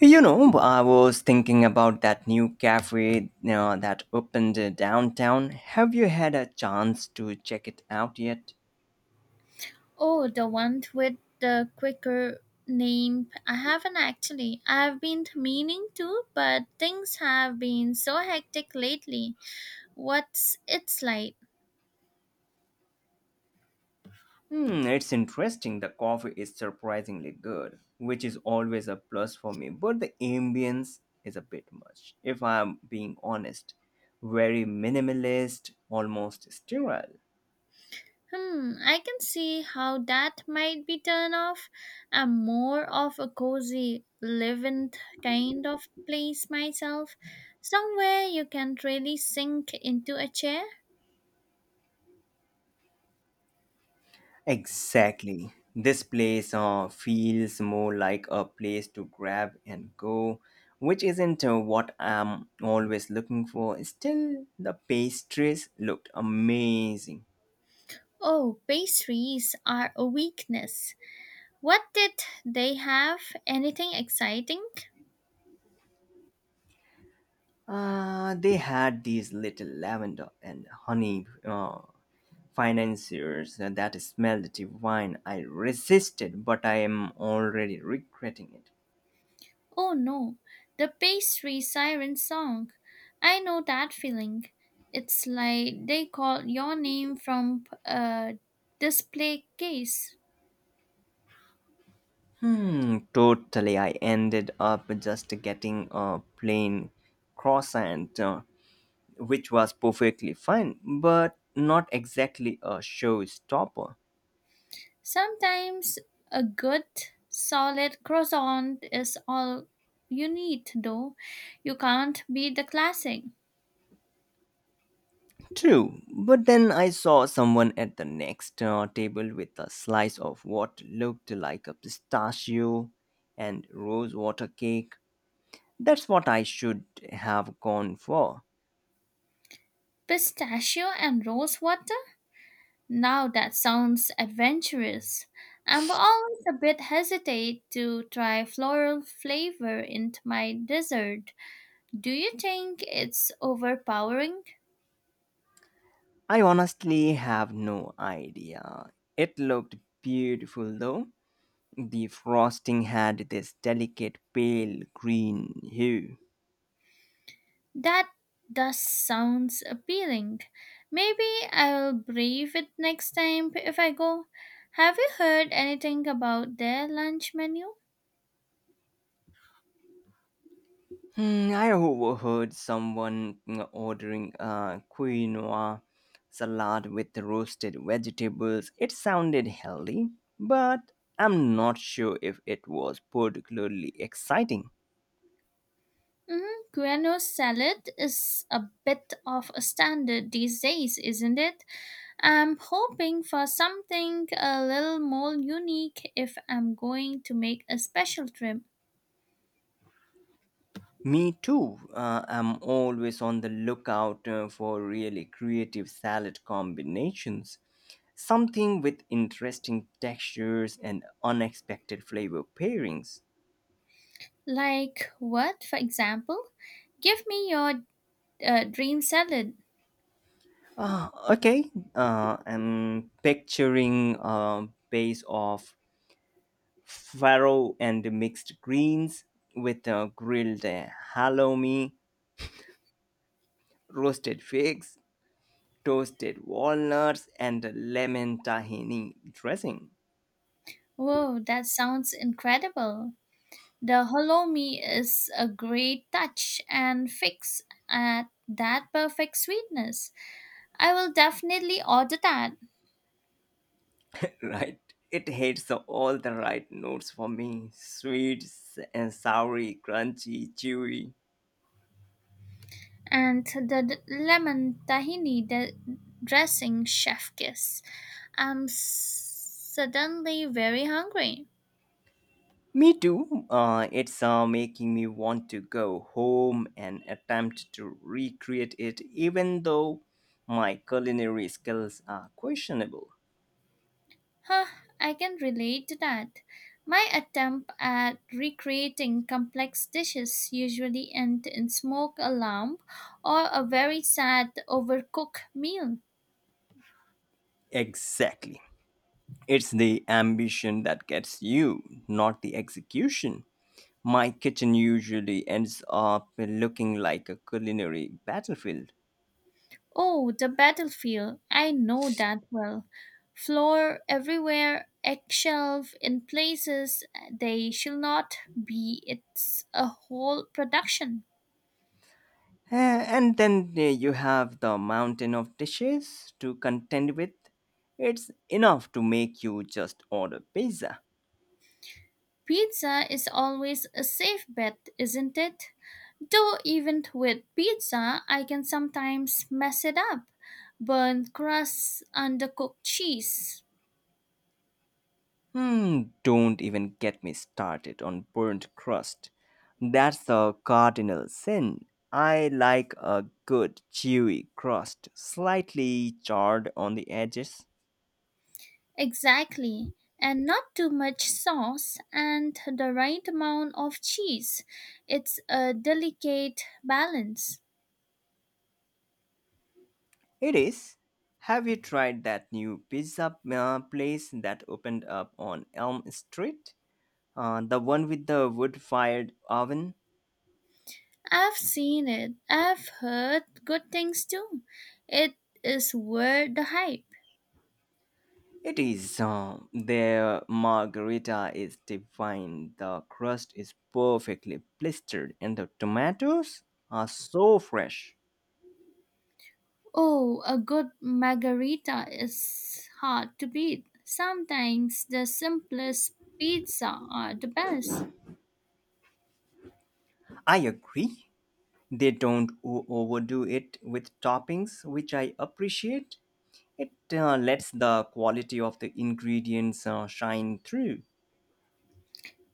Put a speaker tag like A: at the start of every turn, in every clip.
A: I was thinking about that new cafe that opened downtown. Have you had a chance to check it out yet?
B: Oh, the one with the quicker name. I haven't actually. I've been meaning to, but things have been so hectic lately. What's it's like?
A: It's interesting. The coffee is surprisingly good, which is always a plus for me, but the ambience is a bit much, if I'm being honest. Very minimalist, almost sterile.
B: I can see how that might be turned off. I'm more of a cozy, living kind of place myself. Somewhere you can really sink into a chair.
A: Exactly. This place feels more like a place to grab and go, which isn't what I'm always looking for. Still, the pastries looked amazing.
B: Oh, pastries are a weakness. What did they have? Anything exciting?
A: They had these little lavender and honey financiers that smelled divine. I resisted, but I am already regretting it.
B: Oh no, the pastry siren song. I know that feeling. It's like they called your name from a display case.
A: Hmm, totally. I ended up just getting a plain croissant, which was perfectly fine, but not exactly a showstopper.
B: Sometimes a good, solid croissant is all you need, though. You can't beat the classic.
A: True, but then I saw someone at the next table with a slice of what looked like a pistachio and rose water cake. That's what I should have gone for.
B: Pistachio and rosewater. Now that sounds adventurous. I'm always a bit hesitate to try floral flavor into my dessert. Do you think it's overpowering?
A: I honestly have no idea. It looked beautiful though. The frosting had this delicate pale green hue.
B: That does sounds appealing. Maybe I'll brave it next time if I go. Have you heard anything about their lunch menu?
A: I overheard someone ordering a quinoa salad with roasted vegetables. It sounded healthy, but I'm not sure if it was particularly exciting.
B: Mm-hmm. Guano salad is a bit of a standard these days, isn't it? I'm hoping for something a little more unique if I'm going to make a special trip.
A: Me too. I'm always on the lookout for really creative salad combinations. Something with interesting textures and unexpected flavor pairings.
B: Like what, for example? Give me your dream salad.
A: Ah, okay, I'm picturing a base of farro and mixed greens with a grilled halloumi, roasted figs, toasted walnuts, and lemon tahini dressing.
B: Whoa, that sounds incredible. The halloumi is a great touch and fix at that perfect sweetness. I will definitely order that.
A: Right, it hits all the right notes for me: sweet and soury, crunchy, chewy.
B: And the lemon tahini dressing chef kiss. I'm suddenly very hungry.
A: Me too. It's making me want to go home and attempt to recreate it, even though my culinary skills are questionable.
B: Huh, I can relate to that. My attempt at recreating complex dishes usually end in smoke alarm or a very sad overcooked meal.
A: Exactly. It's the ambition that gets you, not the execution. My kitchen usually ends up looking like a culinary battlefield.
B: Oh, the battlefield. I know that well. Floor everywhere, eggshelf in places they shall not be. It's a whole production.
A: Uh, And then you have the mountain of dishes to contend with. It's enough to make you just order pizza.
B: Pizza is always a safe bet, isn't it? Though even with pizza, I can sometimes mess it up. Burnt crusts, undercooked cheese.
A: Don't even get me started on burnt crust. That's a cardinal sin. I like a good chewy crust, slightly charred on the edges.
B: Exactly. And not too much sauce and the right amount of cheese. It's a delicate balance.
A: It is. Have you tried that new pizza place that opened up on Elm Street? The one with the wood fired oven?
B: I've seen it. I've heard good things too. It is worth the hype.
A: It is. The margarita is divine. The crust is perfectly blistered, and the tomatoes are so fresh.
B: Oh, a good margarita is hard to beat. Sometimes the simplest pizza are the best.
A: I agree. They don't overdo it with toppings, which I appreciate. It lets the quality of the ingredients shine through.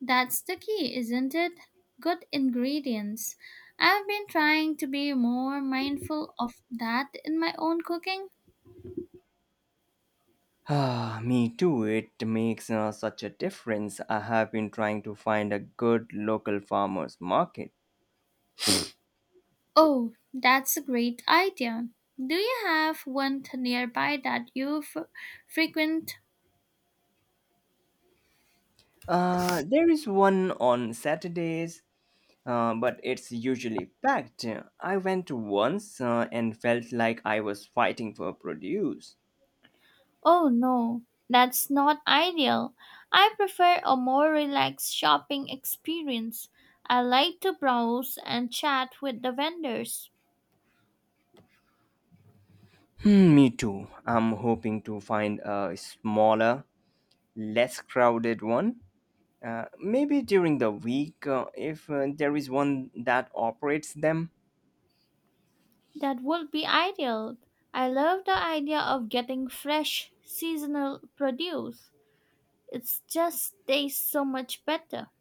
B: That's the key, isn't it? Good ingredients. I've been trying to be more mindful of that in my own cooking.
A: Ah, me too. It makes such a difference. I have been trying to find a good local farmers market.
B: Oh, that's a great idea. Do you have one nearby that you frequent?
A: There is one on Saturdays, but it's usually packed. I went once and felt like I was fighting for produce.
B: Oh no, that's not ideal. I prefer a more relaxed shopping experience. I like to browse and chat with the vendors.
A: Hmm, me too. I'm hoping to find a smaller, less crowded one. Maybe during the week, if there is one that operates them.
B: That would be ideal. I love the idea of getting fresh, seasonal produce. It just tastes so much better.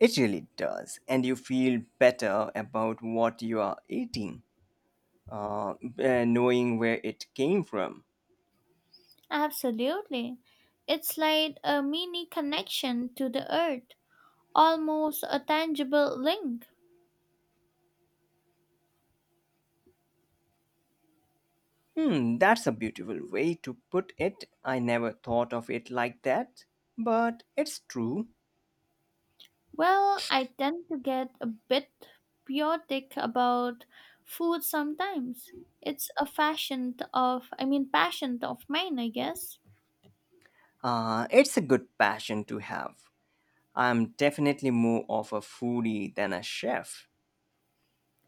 A: It really does, and you feel better about what you are eating, uh, knowing where it came from.
B: Absolutely. It's like a mini connection to the earth, almost a tangible link.
A: That's a beautiful way to put it. I never thought of it like that. But it's true.
B: Well, I tend to get a bit chaotic about food sometimes. It's a fashion of, I mean, passion of mine, I guess.
A: It's a good passion to have. I'm definitely more of a foodie than a chef.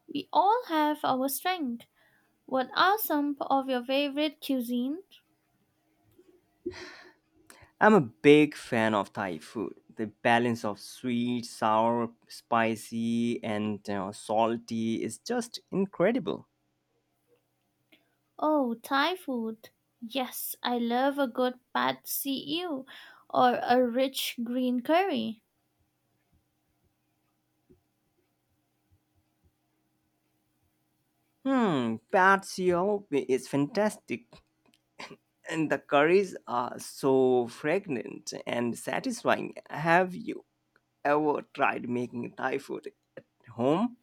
B: We all have our strength. What are some of your favorite cuisine?
A: I'm a big fan of Thai food. The balance of sweet, sour, spicy, and salty is just incredible.
B: Oh, Thai food. Yes, I love a good pad see ew or a rich green curry.
A: Pad Seo is fantastic, and the curries are so fragrant and satisfying. Have you ever tried making Thai food at home?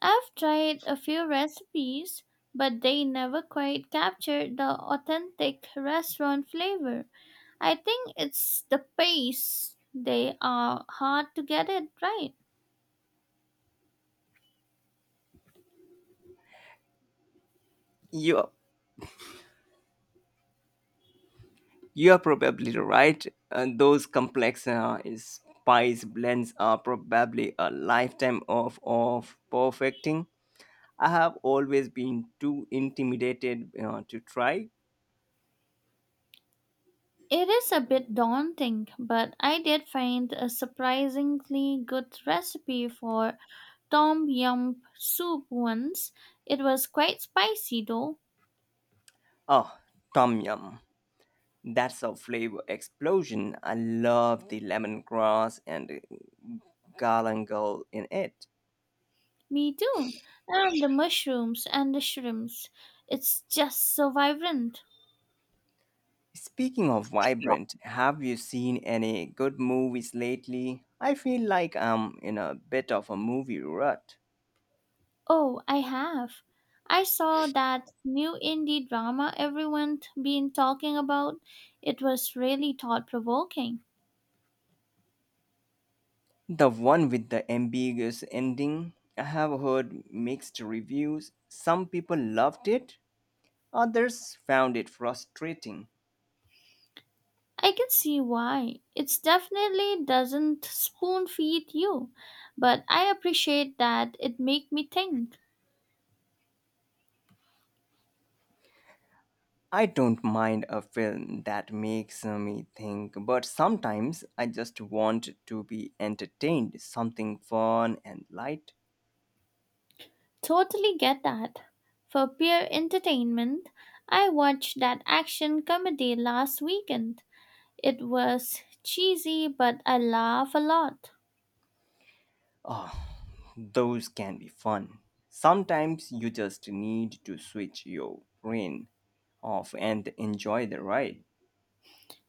B: I've tried a few recipes, but they never quite captured the authentic restaurant flavor. I think it's the pace. They are hard to get it right.
A: You're you're probably right. And those complex spice blends are probably a lifetime of perfecting. I have always been too intimidated to try.
B: It is a bit daunting, but I did find a surprisingly good recipe for tom yum soup once. It was quite spicy though.
A: Oh, tom yum. That's a flavor explosion. I love the lemongrass and galangal in it.
B: Me too. And the mushrooms and the shrimps. It's just so vibrant.
A: Speaking of vibrant, have you seen any good movies lately? I feel like I'm in a bit of a movie rut.
B: Oh, I have. I saw that new indie drama everyone's been talking about. It was really thought provoking.
A: The one with the ambiguous ending, I have heard mixed reviews. Some people loved it, others found it frustrating.
B: I can see why. It definitely doesn't spoon feed you, but I appreciate that it make me think.
A: I don't mind a film that makes me think, but sometimes I just want to be entertained, something fun and light.
B: Totally get that. For pure entertainment, I watched that action comedy last weekend. It was cheesy, but I laugh a lot.
A: Ah, those can be fun. Sometimes you just need to switch your brain off and enjoy the ride.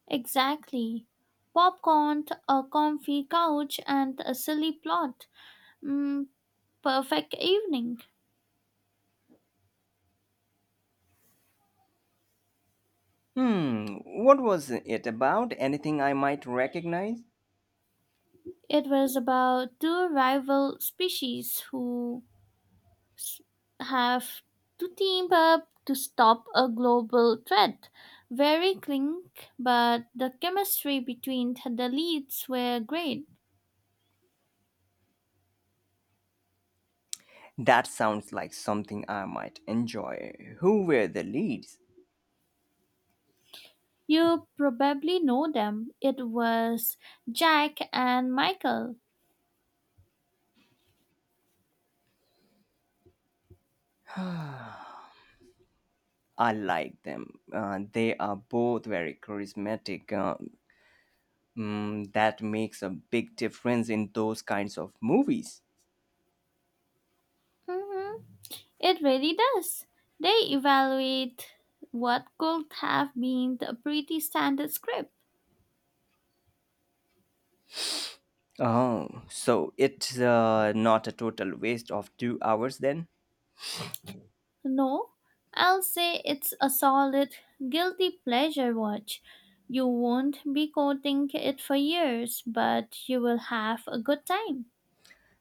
B: Exactly. Popcorn, a comfy couch, and a silly plot. Mm, perfect evening.
A: Hmm, what was it about? Anything I might recognize?
B: It was about two rival species who s- have to team up to stop a global threat. Very clink, but the chemistry between the leads were great.
A: That sounds like something I might enjoy. Who were the leads?
B: You probably know them. It was Jack and Michael.
A: I like them. They are both very charismatic. That makes a big difference in those kinds of movies.
B: Hmm. It really does. They evaluate what could have been a pretty standard script.
A: Oh, so it's not a total waste of 2 hours then?
B: No, I'll say it's a solid guilty pleasure watch. You won't be quoting it for years, but you will have a good time.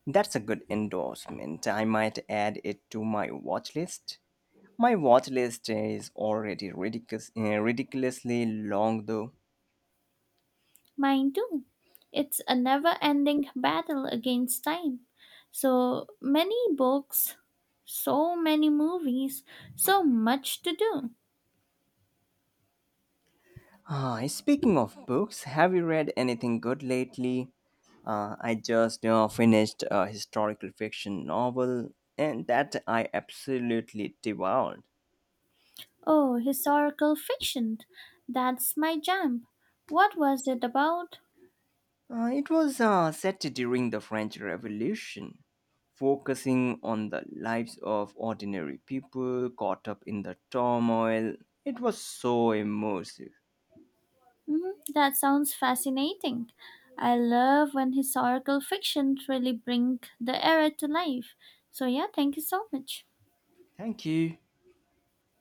A: That's a good endorsement. I might add it to my watch list. My watch list is already ridiculous, ridiculously long though.
B: Mine too. It's a never ending battle against time. So many books, so many movies, so much to do.
A: Ah, speaking of books, have you read anything good lately? I just finished a historical fiction novel and that I absolutely devoured.
B: Oh, historical fiction. That's my jam. What was it about?
A: It was set during the French Revolution, focusing on the lives of ordinary people caught up in the turmoil. It was so immersive.
B: Mhm, that sounds fascinating. I love when historical fiction really bring the era to life. So yeah, thank you so much.
A: Thank you.